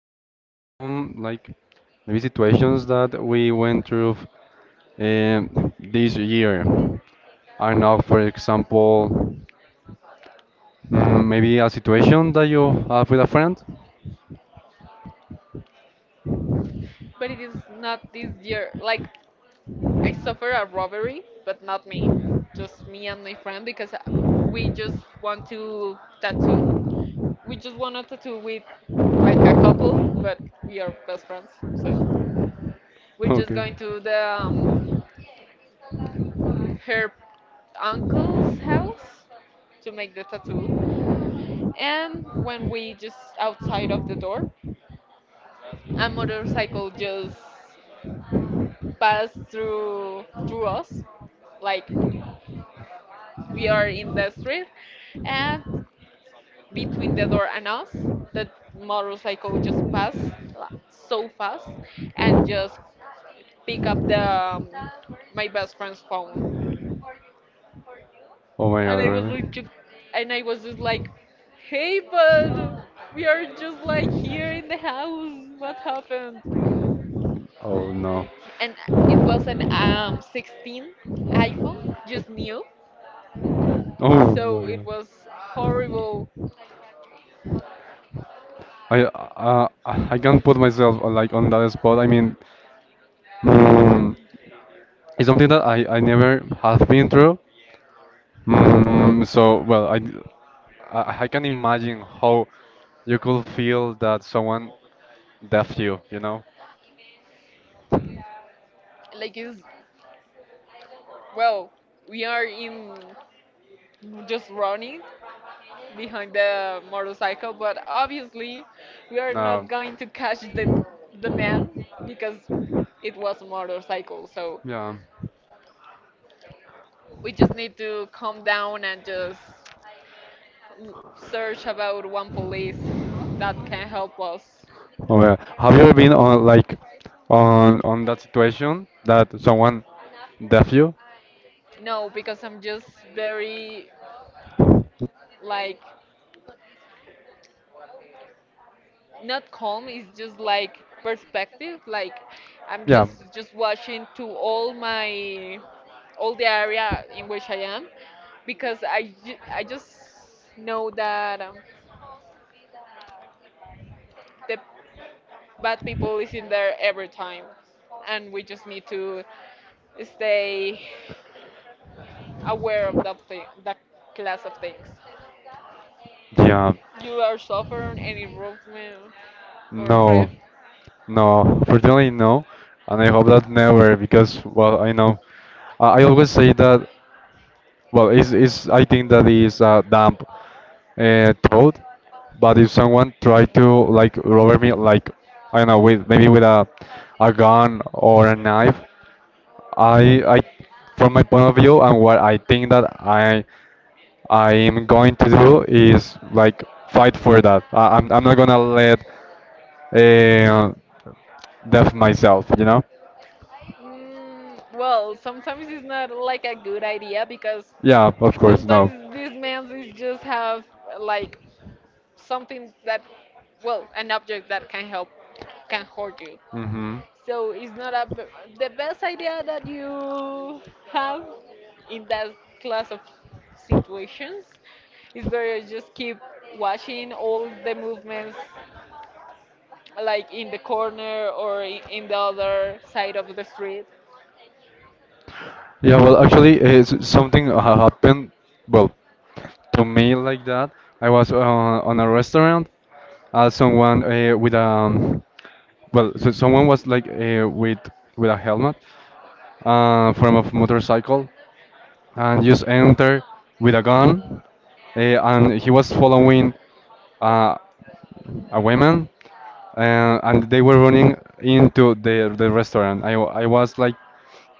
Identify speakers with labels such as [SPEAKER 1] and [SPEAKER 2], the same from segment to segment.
[SPEAKER 1] talk about some like maybe situations that we went through this year. I don't know, for example, maybe a situation that you have with a friend.
[SPEAKER 2] But it is not this year. Like I suffer a robbery, but not me. Just me and my friend because we just want to tattoo. We just want to tattoo with like a couple, but we are best friends. So we're just going
[SPEAKER 1] Okay.
[SPEAKER 2] to the her uncle's house to make the tattoo. And when we just outside of the door, a motorcycle just passed through us, like, we are in the street, and between the door and us, the motorcycle just passed like, so fast, and just pick up the my best friend's phone.
[SPEAKER 1] Oh my god,
[SPEAKER 2] And I was
[SPEAKER 1] really?
[SPEAKER 2] like, ju- and I was just like, hey, bud, we are just like here in the house. What happened?
[SPEAKER 1] Oh no.
[SPEAKER 2] And it was an 16 iPhone, just new.
[SPEAKER 1] Oh
[SPEAKER 2] So it
[SPEAKER 1] my god.
[SPEAKER 2] was horrible.
[SPEAKER 1] I can't put myself like on that spot. I mean, mm, it's something that I never have been through. So, well, I can imagine how you could feel that someone left you, you know?
[SPEAKER 2] Like is, well, we are in just running behind the motorcycle, but obviously we are not
[SPEAKER 1] No.
[SPEAKER 2] going to catch the man because it was a motorcycle, so
[SPEAKER 1] Yeah.
[SPEAKER 2] we just need to calm down and just search about one police that can help us.
[SPEAKER 1] Oh, yeah. Have you ever been on like on that situation that someone deaf you?
[SPEAKER 2] No, because I'm just very, like, not calm. It's just like perspective. Like, I'm
[SPEAKER 1] Yeah.
[SPEAKER 2] just watching to all my, all the area in which I am, because I just know that the bad people is in there every time, and we just need to stay aware of that thing, that class of things
[SPEAKER 1] Yeah.
[SPEAKER 2] you are suffering, any movement or
[SPEAKER 1] No.
[SPEAKER 2] theft.
[SPEAKER 1] No. Fortunately, no. And I hope that never, because well, I know. I always say that. Well, I think that is a dumb thought, but if someone tried to like rob me, like I don't know, with maybe with a gun or a knife, I from my point of view and what I think that I am going to do is like fight for that. I'm not gonna let uh, death myself?
[SPEAKER 2] Well, sometimes it's not like a good idea because
[SPEAKER 1] Yeah, of course, no.
[SPEAKER 2] sometimes these men is just have like something that, well, an object that can help, can hurt you.
[SPEAKER 1] Hmm.
[SPEAKER 2] So it's not the best idea that you have in that class of situations. It's better just keep watching all the movements, like in the corner or in the other side of the street.
[SPEAKER 1] Yeah, well, actually, it's something happened, well, to me like that. I was on a restaurant, someone with well, so someone was like with a helmet, from a motorcycle, and just enter with a gun, and he was following. Uh, a woman and they were running into the restaurant. I was like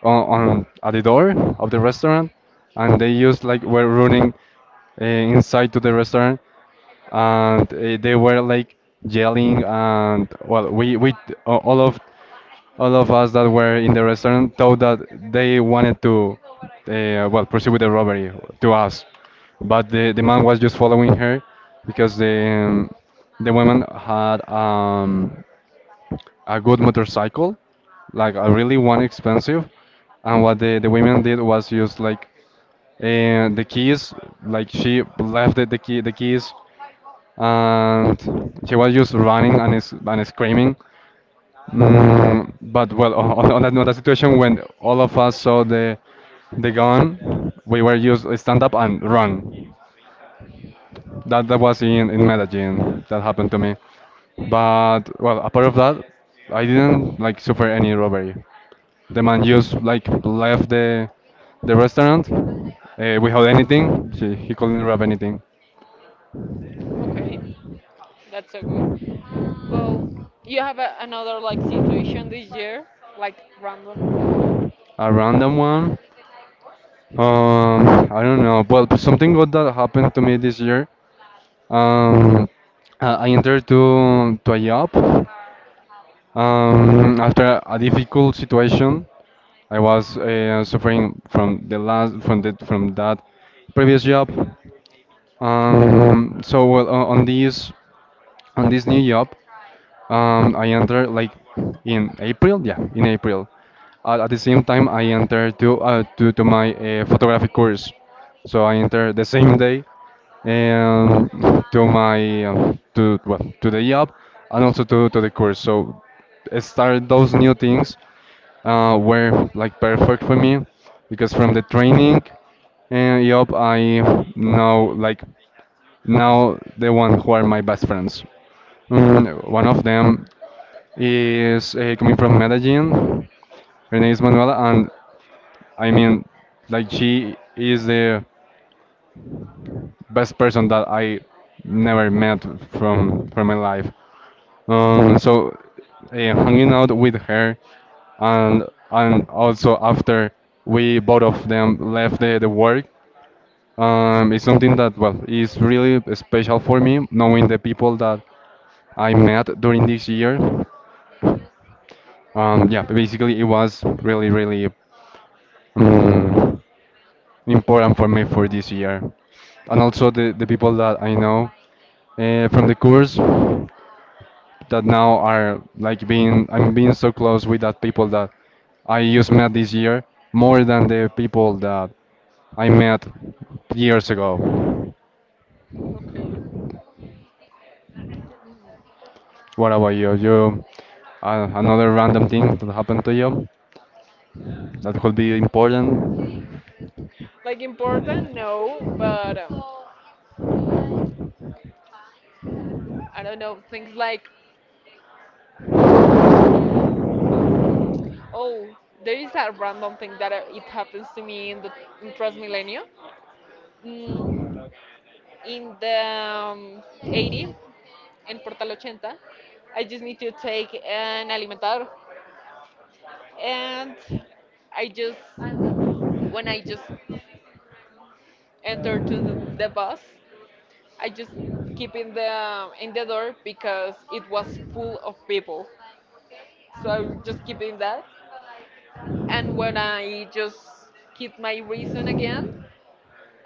[SPEAKER 1] on at the door of the restaurant and they used like were running inside to the restaurant and they were like yelling and well we uh, all of all of us that were in the restaurant thought that they wanted to, well, proceed with the robbery to us, but the man was just following her because the woman had a good motorcycle, like a really one expensive, and what the women did was just like and the keys like she left the keys and she was just running and screaming. But well, on that situation when all of us saw the gun, we were used stand up and run. That was in Medellin. That happened to me. But well, apart of that, I didn't like suffer any robbery. The man just like left the restaurant without anything. He couldn't rob anything.
[SPEAKER 2] Okay, that's so good. Well, you have another like situation this year, like random.
[SPEAKER 1] A random one. I don't know. Well, something good that happened to me this year. Um, I entered to a job after a difficult situation. I was suffering from the last from the, from that previous job. So well, on this new job, I entered like in April. Yeah, in April. At the same time, I entered to my photography course. So I entered the same day and to the job and also to the course. So start those new things were like perfect for me because from the training and job I know like now the one who are my best friends. One of them is coming from Medellin. Her name is Manuela, and I mean, like she is the best person that I never met from my life. So hanging out with her, and and also after we both of them left the work, it's something that well is really special for me knowing the people that I met during this year. Yeah, basically it was really um, important for me for this year and also the people that I know from the course. That now are like being I'm being so close with that people that I just met this year more than the people that I met years ago.
[SPEAKER 2] Okay.
[SPEAKER 1] What about you? You another random thing that happened to you that could be important?
[SPEAKER 2] Like important, no, but mm, I don't know, things like, oh, there is that random thing that it happens to me in the, in Transmilenio, mm, in the um, 80, in Portal 80. I just need to take an alimentador, and I just when I just entered to the bus. I just keep in the door because it was full of people. So I just keep in that. And when I just keep my reason again,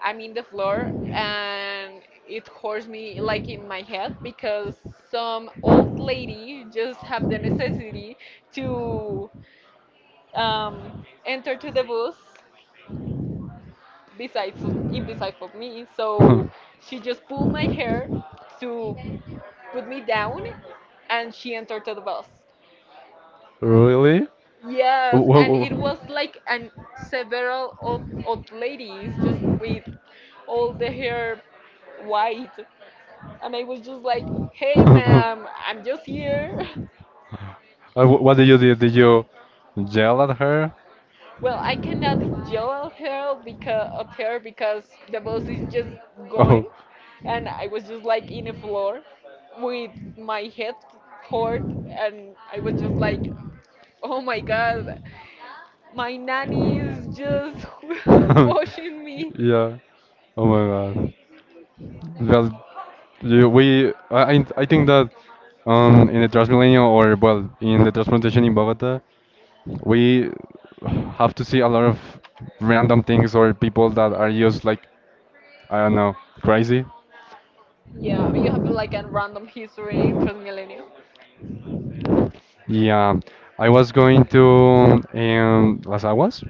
[SPEAKER 2] I'm in the floor, and it hurts me like in my head because some old lady just have the necessity to um, enter to the bus besides, in beside of me. So she just pulled my hair to put me down, and she entered to the bus.
[SPEAKER 1] Really?
[SPEAKER 2] Yes,
[SPEAKER 1] Wh- wh-
[SPEAKER 2] and it was
[SPEAKER 1] wh-
[SPEAKER 2] like, and several old ladies just with all the hair white. And I was just like, hey, ma'am, I'm just here.
[SPEAKER 1] what did you do? Did you yell at her?
[SPEAKER 2] Well, I cannot yell at her, because the bus is just
[SPEAKER 1] Oh.
[SPEAKER 2] going, and I was just like in a floor with my head
[SPEAKER 1] Yeah.
[SPEAKER 2] hurt, and I was just like, oh my god, my nanny is just pushing me.
[SPEAKER 1] Oh my god. Well, you, we I think that in the Transmilenio or well in the transportation in Bogota, we have to see a lot of random things or people that are just like I don't know crazy.
[SPEAKER 2] Yeah, you have like a random history in Transmilenio.
[SPEAKER 1] Yeah, I was going to Las Aguas,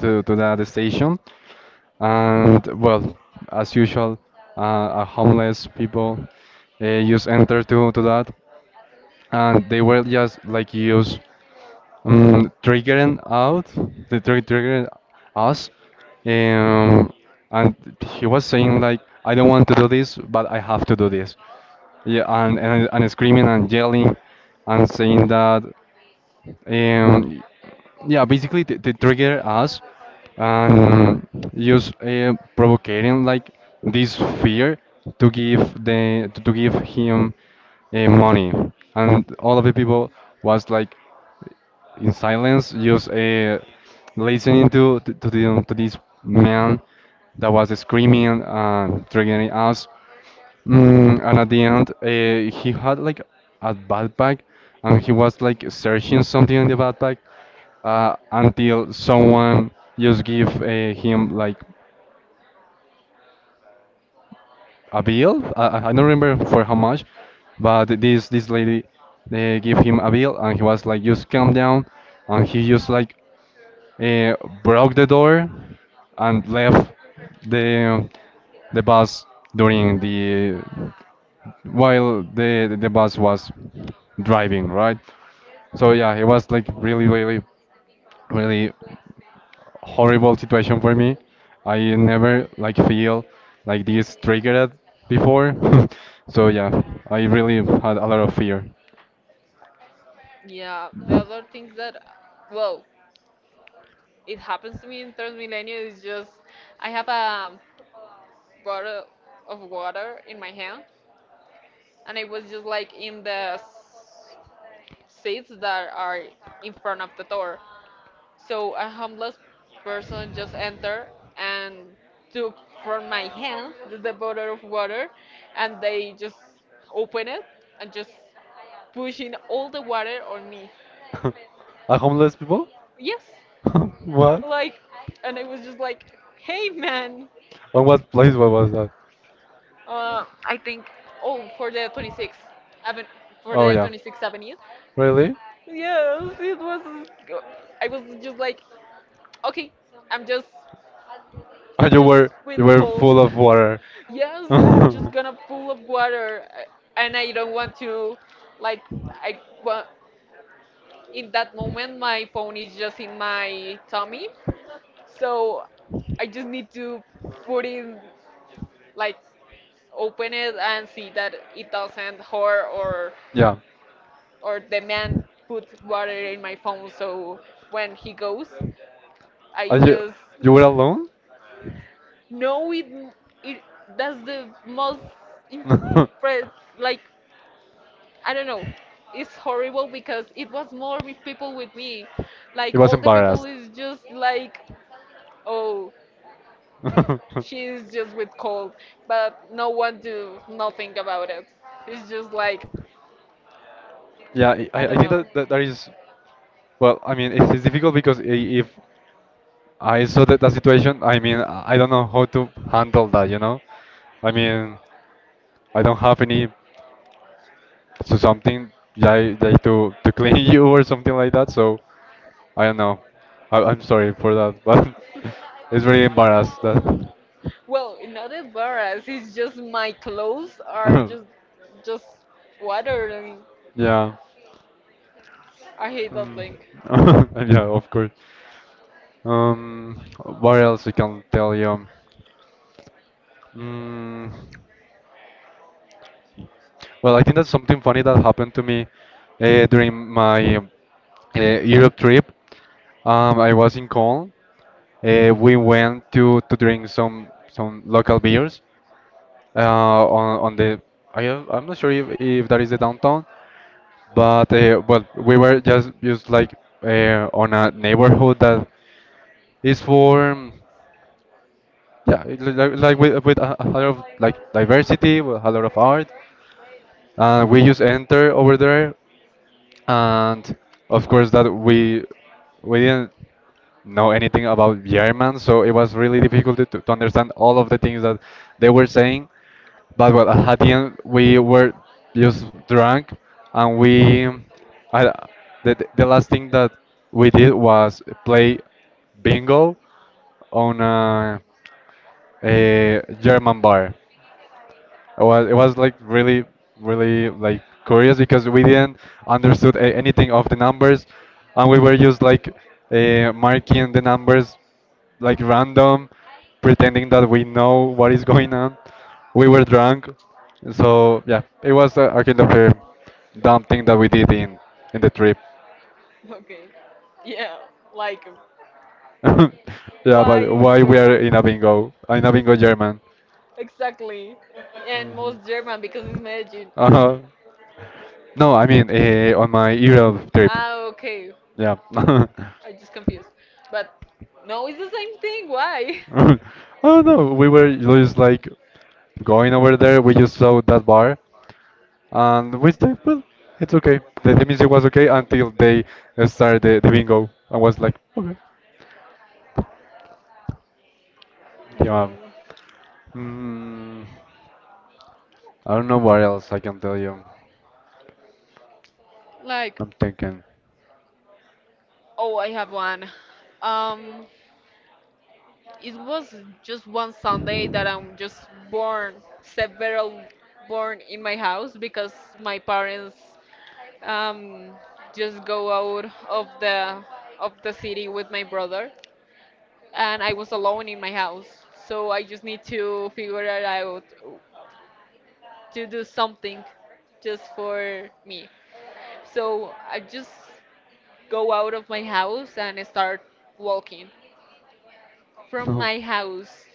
[SPEAKER 1] to that station. And well, as usual, homeless people just enter to that, and they were just like use triggering out, the triggering us, um, and he was saying like, I don't want to do this, but I have to do this. Yeah, and screaming and yelling and saying that. Um, yeah, basically they trigger us and use provocating like this fear to give him money, and all of the people was like in silence, just listening to this man that was screaming and triggering us. And at the end, he had like a backpack, and he was like searching something in the backpack until someone just give him like a bill. I don't remember for how much, but this lady they give him a bill, and he was like just calm down, and he just like uh, broke the door and left the the bus during the while the bus was driving, right? So yeah, it was like really, really, really horrible situation for me. I never like feel like this triggered before. So yeah, I really had a lot of fear.
[SPEAKER 2] Yeah, the other things that, well, it happens to me in Transmilenio is just, I have a bottle of water in my hand, and I was just like in the seats that are in front of the door. So a homeless person just entered and took from my hand the bottle of water, and they just open it and just pushing all the water on me.
[SPEAKER 1] A homeless people?
[SPEAKER 2] Yes,
[SPEAKER 1] What?
[SPEAKER 2] like, and I was just like, hey, man.
[SPEAKER 1] On what place? What was that?
[SPEAKER 2] I think, oh, for the 26th Avenue, for
[SPEAKER 1] Oh
[SPEAKER 2] the
[SPEAKER 1] yeah.
[SPEAKER 2] 26th Avenue.
[SPEAKER 1] Really?
[SPEAKER 2] Yes, it was. I was just like, okay, I'm just
[SPEAKER 1] Oh,
[SPEAKER 2] I'm
[SPEAKER 1] you
[SPEAKER 2] just
[SPEAKER 1] were
[SPEAKER 2] with
[SPEAKER 1] you were full
[SPEAKER 2] cold.
[SPEAKER 1] of water.
[SPEAKER 2] Yes, I'm just
[SPEAKER 1] Oh,
[SPEAKER 2] gonna full of water, and I don't want to, like, I want. In that moment, my phone is just in my tummy, so I just need to put in, like, open it and see that it doesn't hurt, or
[SPEAKER 1] yeah.
[SPEAKER 2] the man put water in my phone. So when he goes, I
[SPEAKER 1] Are you
[SPEAKER 2] just,
[SPEAKER 1] you were alone?
[SPEAKER 2] no, it that's the most impre- like, I don't know. It's horrible because it was more with people with me.
[SPEAKER 1] He
[SPEAKER 2] Like,
[SPEAKER 1] was
[SPEAKER 2] all the people
[SPEAKER 1] embarrassed.
[SPEAKER 2] is just like, oh, she's just with cold, but no one do nothing about it. It's just like,
[SPEAKER 1] Yeah, I,
[SPEAKER 2] I
[SPEAKER 1] I I
[SPEAKER 2] don't
[SPEAKER 1] think
[SPEAKER 2] know.
[SPEAKER 1] that is, well, I mean, it's difficult because if I saw that situation, I mean, I don't know how to handle that? I mean, I don't have any, so something like to clean you or something like that, so I don't know. I'm sorry for that, but it's very embarrassed that.
[SPEAKER 2] Well, not embarrassed. It's just my clothes are just just water, and
[SPEAKER 1] Yeah.
[SPEAKER 2] I hate that thing.
[SPEAKER 1] Mm. Yeah, of course. Um, what else I can tell you? Mm, well, I think that's something funny that happened to me during my Europe trip. I was in Cologne. We went to drink some local beers, uh, on the I'm not sure if that is the downtown, but well we were just like on a neighborhood that is for yeah it like with a lot of like diversity with a lot of art we use enter over there, and of course that we didn't know anything about German, so it was really difficult to understand all of the things that they were saying. But well, at the end we were just drunk, and we I, the last thing that we did was play bingo on a German bar. It was like really like curious because we didn't understood anything of the numbers, and we were just like marking the numbers like random, pretending that we know what is going on. We were drunk, so yeah, it was a kind of a dumb thing that we did in the trip.
[SPEAKER 2] Okay. Yeah, like,
[SPEAKER 1] Yeah,
[SPEAKER 2] why
[SPEAKER 1] but
[SPEAKER 2] in
[SPEAKER 1] why we are
[SPEAKER 2] German?
[SPEAKER 1] in a bingo? In a bingo German.
[SPEAKER 2] Exactly. And
[SPEAKER 1] Mhm.
[SPEAKER 2] most German because it's Medellin.
[SPEAKER 1] Uh-huh. No, I mean on my Europe trip.
[SPEAKER 2] Ah, okay.
[SPEAKER 1] Yeah.
[SPEAKER 2] I just confused. But no, it's the same thing. Why?
[SPEAKER 1] Oh no, we were just like going over there. We just saw that bar, and we said, "Well, it's okay." The music was okay until they started the bingo, and was like, "Okay, yeah."
[SPEAKER 2] No.
[SPEAKER 1] Mm, I don't know what else I can tell you.
[SPEAKER 2] Like,
[SPEAKER 1] I'm thinking.
[SPEAKER 2] oh, I have one. Um, it was just one Sunday that I'm just born, several born in my house, because my parents um just go out of the city with my brother, and I was alone in my house. So I just need to figure it out to do something just for me. So I just go out of my house and start walking. From
[SPEAKER 1] No.
[SPEAKER 2] my house,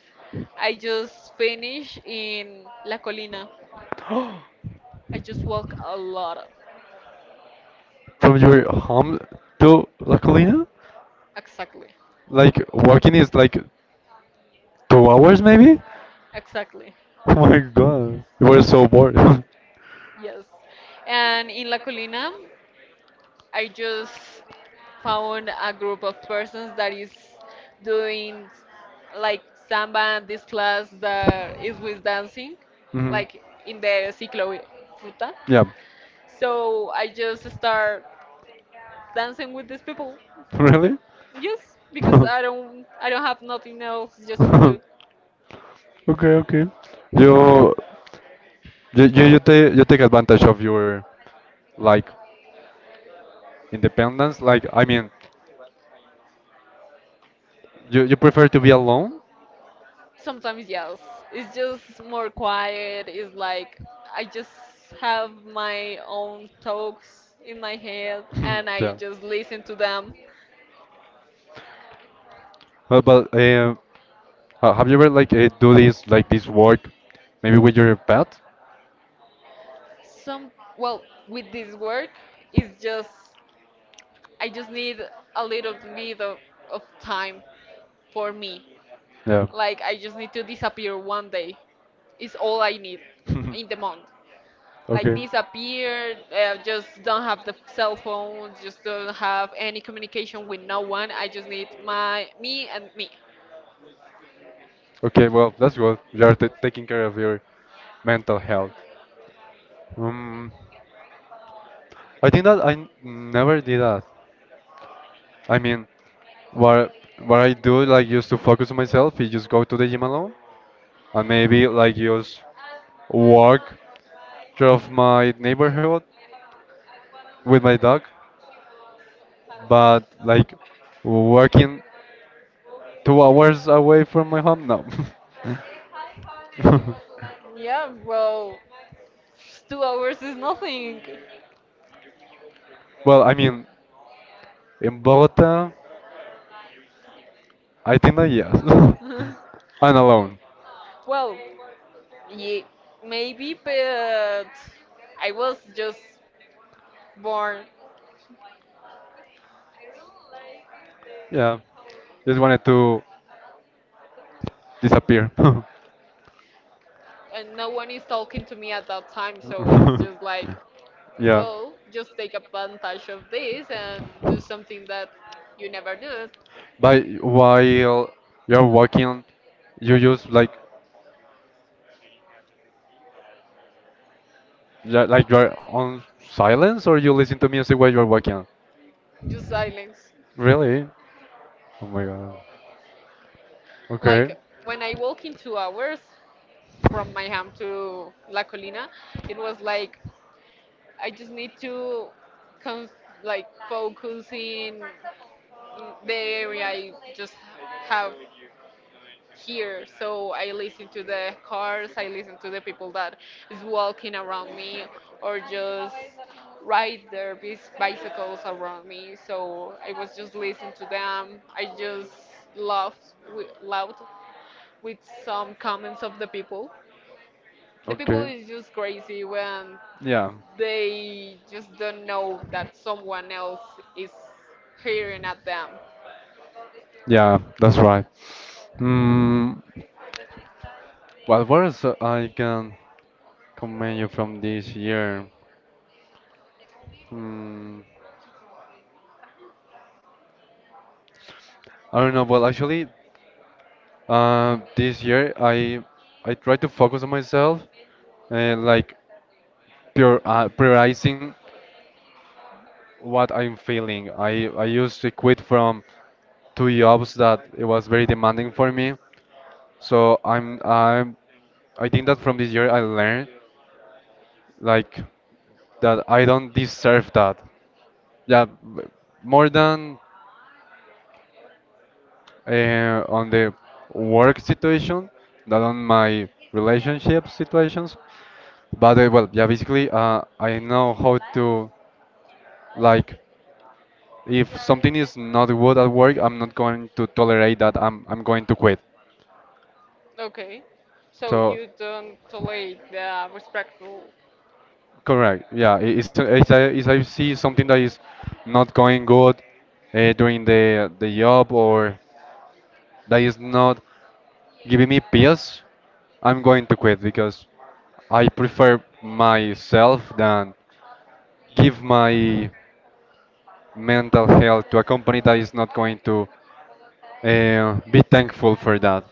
[SPEAKER 2] I just finish in La Colina. I just walk a lot.
[SPEAKER 1] From your home to La Colina?
[SPEAKER 2] Exactly.
[SPEAKER 1] Like walking is like 2 hours maybe?
[SPEAKER 2] Exactly.
[SPEAKER 1] Oh my god. You were so bored.
[SPEAKER 2] Yes. And in La Colina, I just found a group of persons that is doing like samba, this class that is with dancing,
[SPEAKER 1] Hmm.
[SPEAKER 2] like in the ciclo ruta.
[SPEAKER 1] Yeah.
[SPEAKER 2] So I just start dancing with these people,
[SPEAKER 1] Really?
[SPEAKER 2] yes, because
[SPEAKER 1] Okay,
[SPEAKER 2] I don't have nothing else just for do.
[SPEAKER 1] okay. You, you take advantage of your like independence. Like, I mean, you prefer to be alone
[SPEAKER 2] Sometimes yes, it's just more quiet. It's like, I just have my own talks in my head, and I
[SPEAKER 1] yeah.
[SPEAKER 2] just listen to them.
[SPEAKER 1] Well, but have you ever like do this like this work, maybe with your pet?
[SPEAKER 2] Some Well, with this work, it's just, I just need a little bit of time for me.
[SPEAKER 1] Yeah.
[SPEAKER 2] Like, I just need to disappear one day. It's all I need in the month. Like,
[SPEAKER 1] Okay.
[SPEAKER 2] disappear, just don't have the cell phone, just don't have any communication with no one. I just need my me and me.
[SPEAKER 1] Okay. Well, that's good. You are taking care of your mental health. Um. I think that I never did that. I mean, what what I do like just to focus on myself is just go to the gym alone and maybe like just walk through my neighborhood with my dog, but like working 2 hours away from my home, no.
[SPEAKER 2] Yeah, well, 2 hours is nothing.
[SPEAKER 1] Well, I mean, in Bogota, I think that yes, and alone.
[SPEAKER 2] Well. Ye Maybe, but I was just born,
[SPEAKER 1] Yeah, just wanted to disappear.
[SPEAKER 2] and no one is talking to me at that time, so it's just like,
[SPEAKER 1] yeah.
[SPEAKER 2] well, just take advantage of this and do something that you never do.
[SPEAKER 1] But while you're walking, you use like like you're on silence or you listen to music while you're walking?
[SPEAKER 2] Just silence.
[SPEAKER 1] Really? Oh my god. Okay.
[SPEAKER 2] Like, when I walk in 2 hours from my home to La Colina, it was like, I just need to con- like focus in the area I just have here. So I listen to the cars, I listen to the people that is walking around me, or just ride their bicycles around me. So I was just listening to them. I just laughed loud with some comments of the people. The people
[SPEAKER 1] Okay.
[SPEAKER 2] is just crazy when
[SPEAKER 1] Yeah.
[SPEAKER 2] they just don't know that someone else is hearing at them.
[SPEAKER 1] Yeah, that's right. Mm, well, what words I can comment you from this year? Mm, I don't know. Well, actually, this year I try to focus on myself, like pure prioritizing what I'm feeling. I used to quit from two jobs that it was very demanding for me. So I'm I think that from this year I learned like that I don't deserve that. Yeah, more than on the work situation than on my relationship situations. But well, yeah, basically, I know how to like if something is not good at work, I'm not going to tolerate that. I'm going to quit.
[SPEAKER 2] Okay. So
[SPEAKER 1] So
[SPEAKER 2] you don't tolerate the respectful.
[SPEAKER 1] correct, yeah. If I see something that is not going good during the job or that is not giving me peace, I'm going to quit because I prefer myself than give my mental health to a company that is not going to be thankful for that.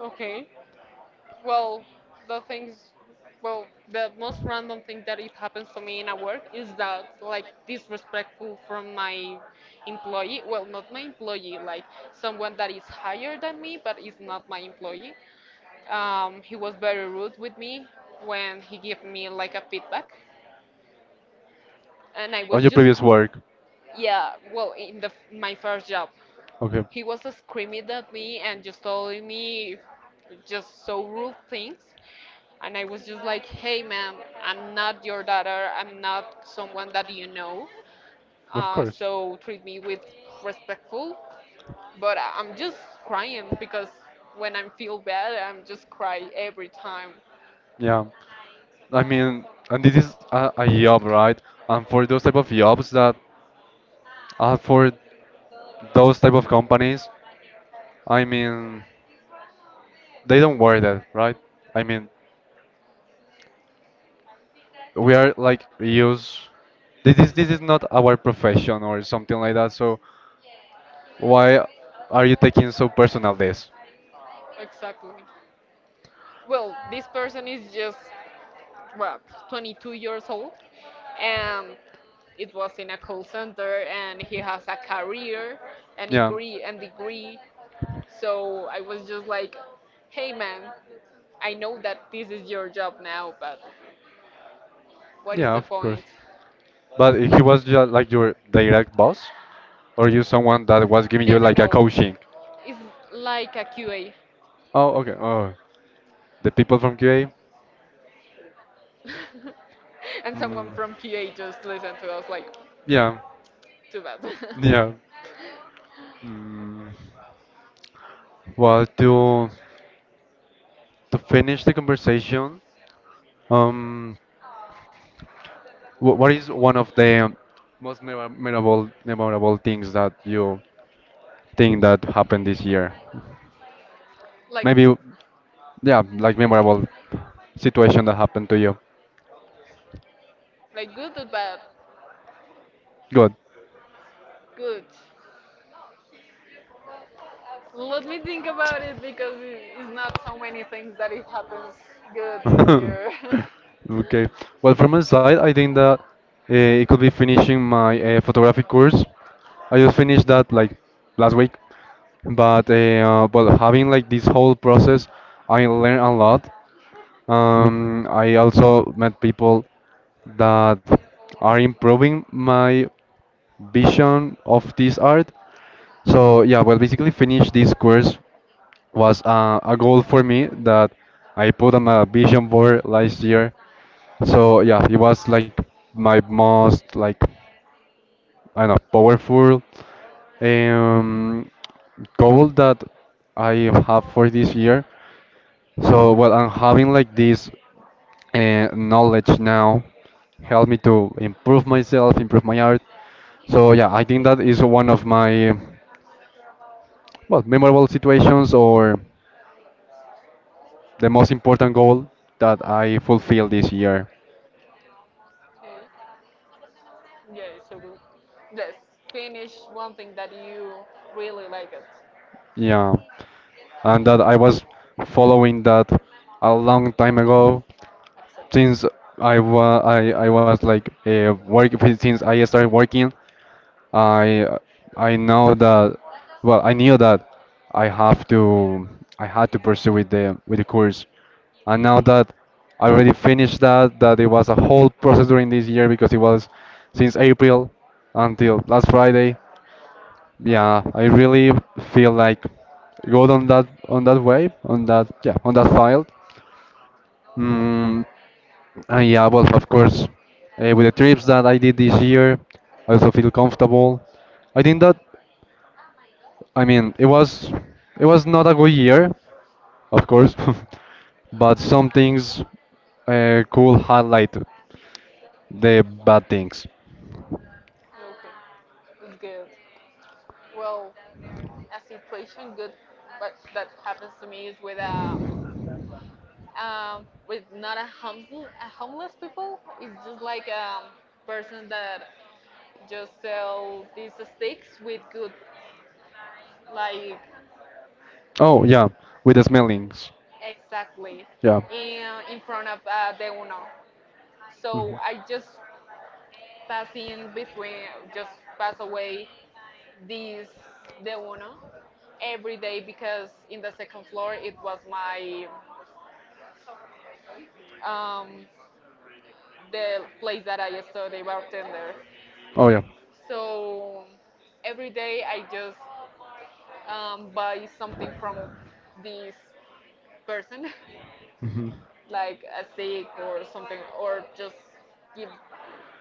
[SPEAKER 2] Okay. Well, the things, well, the most random thing that it happens to me in a work is that, like, disrespectful from my employee. Well, not my employee, like someone that is higher than me, but is not my employee. He was very rude with me when he gave me like a feedback, and I
[SPEAKER 1] On
[SPEAKER 2] was
[SPEAKER 1] your
[SPEAKER 2] just
[SPEAKER 1] previous work,
[SPEAKER 2] yeah, well, in the my first job,
[SPEAKER 1] okay.
[SPEAKER 2] he was screaming at me and just telling me just so rude things. And I was just like, hey, man, I'm not your daughter. I'm not someone that you know.
[SPEAKER 1] Of course.
[SPEAKER 2] So treat me with respectful. But I'm just crying because when I feel bad, I'm just cry every time.
[SPEAKER 1] Yeah. I mean, and this is a job, right? And for those type of jobs that are for those type of companies, I mean, they don't worry that, right? I mean, we are like use. This is not our profession or something like that. So why are you taking so personal this?
[SPEAKER 2] Exactly. Well, this person is just, what, 22 years old? And it was in a call center, and he has a career and
[SPEAKER 1] Yeah.
[SPEAKER 2] degree So I was just like, hey, man, I know that this is your job now, but what is
[SPEAKER 1] Yeah,
[SPEAKER 2] the
[SPEAKER 1] of course.
[SPEAKER 2] point?
[SPEAKER 1] But he was just like your direct boss, or you someone that was giving
[SPEAKER 2] No,
[SPEAKER 1] you
[SPEAKER 2] no,
[SPEAKER 1] like a
[SPEAKER 2] no.
[SPEAKER 1] coaching.
[SPEAKER 2] It's like a QA.
[SPEAKER 1] Oh, okay. Oh, the people from QA.
[SPEAKER 2] And
[SPEAKER 1] Hmm.
[SPEAKER 2] someone from QA just listened to us like,
[SPEAKER 1] Yeah.
[SPEAKER 2] too bad.
[SPEAKER 1] Yeah. Mm. Well, to finish the conversation, um, What is one of the most memorable memorable things that you think that happened this year?
[SPEAKER 2] like,
[SPEAKER 1] Maybe, yeah, like memorable situation that happened to you.
[SPEAKER 2] like good or bad?
[SPEAKER 1] Good.
[SPEAKER 2] Good. Let me think about it because it's not so many things that it happens good this year.
[SPEAKER 1] Okay. Well, from my side, I think that it could be finishing my photographic course. I just finished that like last week, but but having like this whole process, I learned a lot. I also met people that are improving my vision of this art. So yeah, well, basically finish this course was a goal for me that I put on my vision board last year. So yeah, it was like my most like I don't know powerful um, goal that I have for this year. So well, I'm having like this knowledge now help me to improve myself, improve my art. So yeah, I think that is one of my well, memorable situations or the most important goal that I fulfilled this year.
[SPEAKER 2] Okay. Yeah, it's so good. Yes, finish one thing that you really like it.
[SPEAKER 1] Yeah, and that
[SPEAKER 2] Hmm.
[SPEAKER 1] I was following that a long time ago since I was like working since I started working I I know that well I knew that I have to I had to pursue with the course and now that I already finished that that it was a whole process during this year because it was since April until last Friday yeah I really feel like good on that way on that yeah on that file. Mm, and yeah, well, of course, with the trips that I did this year, I also feel comfortable. I think that, I mean, it was not a good year, of course, but some things could highlight the bad things.
[SPEAKER 2] Okay, it's good. Well, a situation good, but that happens to me is with a with not a homeless a homeless people. It's just like a person that just sell these sticks with good, like,
[SPEAKER 1] Oh yeah, with the smellings.
[SPEAKER 2] exactly,
[SPEAKER 1] Yeah.
[SPEAKER 2] in, in front of the Uno.
[SPEAKER 1] Mhm.
[SPEAKER 2] So I just pass in between, just pass away this the Uno every day, because in the second floor it was my um, the place that I studied bartender.
[SPEAKER 1] Oh yeah.
[SPEAKER 2] So every day I just buy something from this person,
[SPEAKER 1] hmm
[SPEAKER 2] like a steak or something, or just give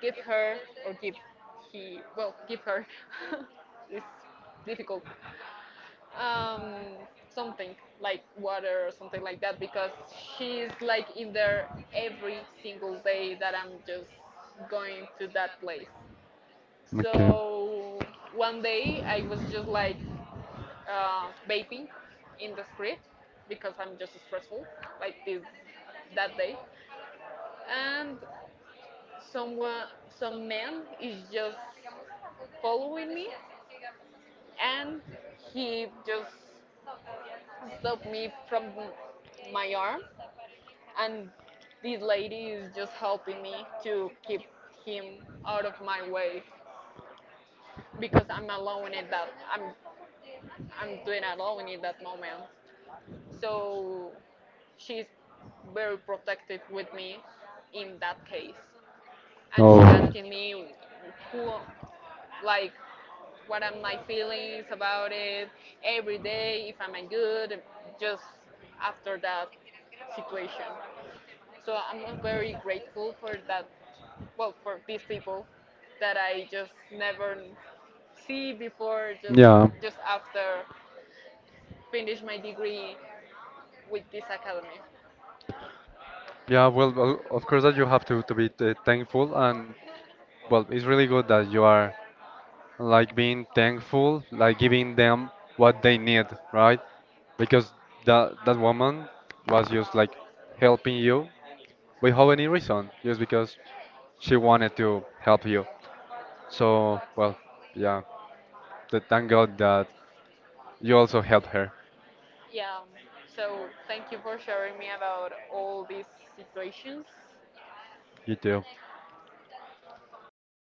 [SPEAKER 2] give her, or give he, well, give her is difficult, um, something like water or something like that because she's like in there every single day that I'm just going to that place.
[SPEAKER 1] Okay.
[SPEAKER 2] So one day I was just like, vaping in the street because I'm just stressful like this that day, and someone, some man is just following me, and he just stopped me from my arm, and this lady is just helping me to keep him out of my way, because I'm alone at that I'm doing alone in that moment. So she's very protective with me in that case, and she
[SPEAKER 1] Oh.
[SPEAKER 2] asking me who, like, what are my feelings about it every day, if I'm good, just after that situation. So I'm very grateful for that, well, for these people that I just never see before, just
[SPEAKER 1] Yeah.
[SPEAKER 2] after finish my degree with this academy.
[SPEAKER 1] Yeah, well, of course that you have to be thankful and well, it's really good that you are like being thankful, like giving them what they need, right? Because that woman was just like helping you without any reason, just because she wanted to help you.
[SPEAKER 2] So,
[SPEAKER 1] So, well, yeah, thank God that you also helped her.
[SPEAKER 2] yeah, so thank you for sharing me about all these situations.
[SPEAKER 1] You too.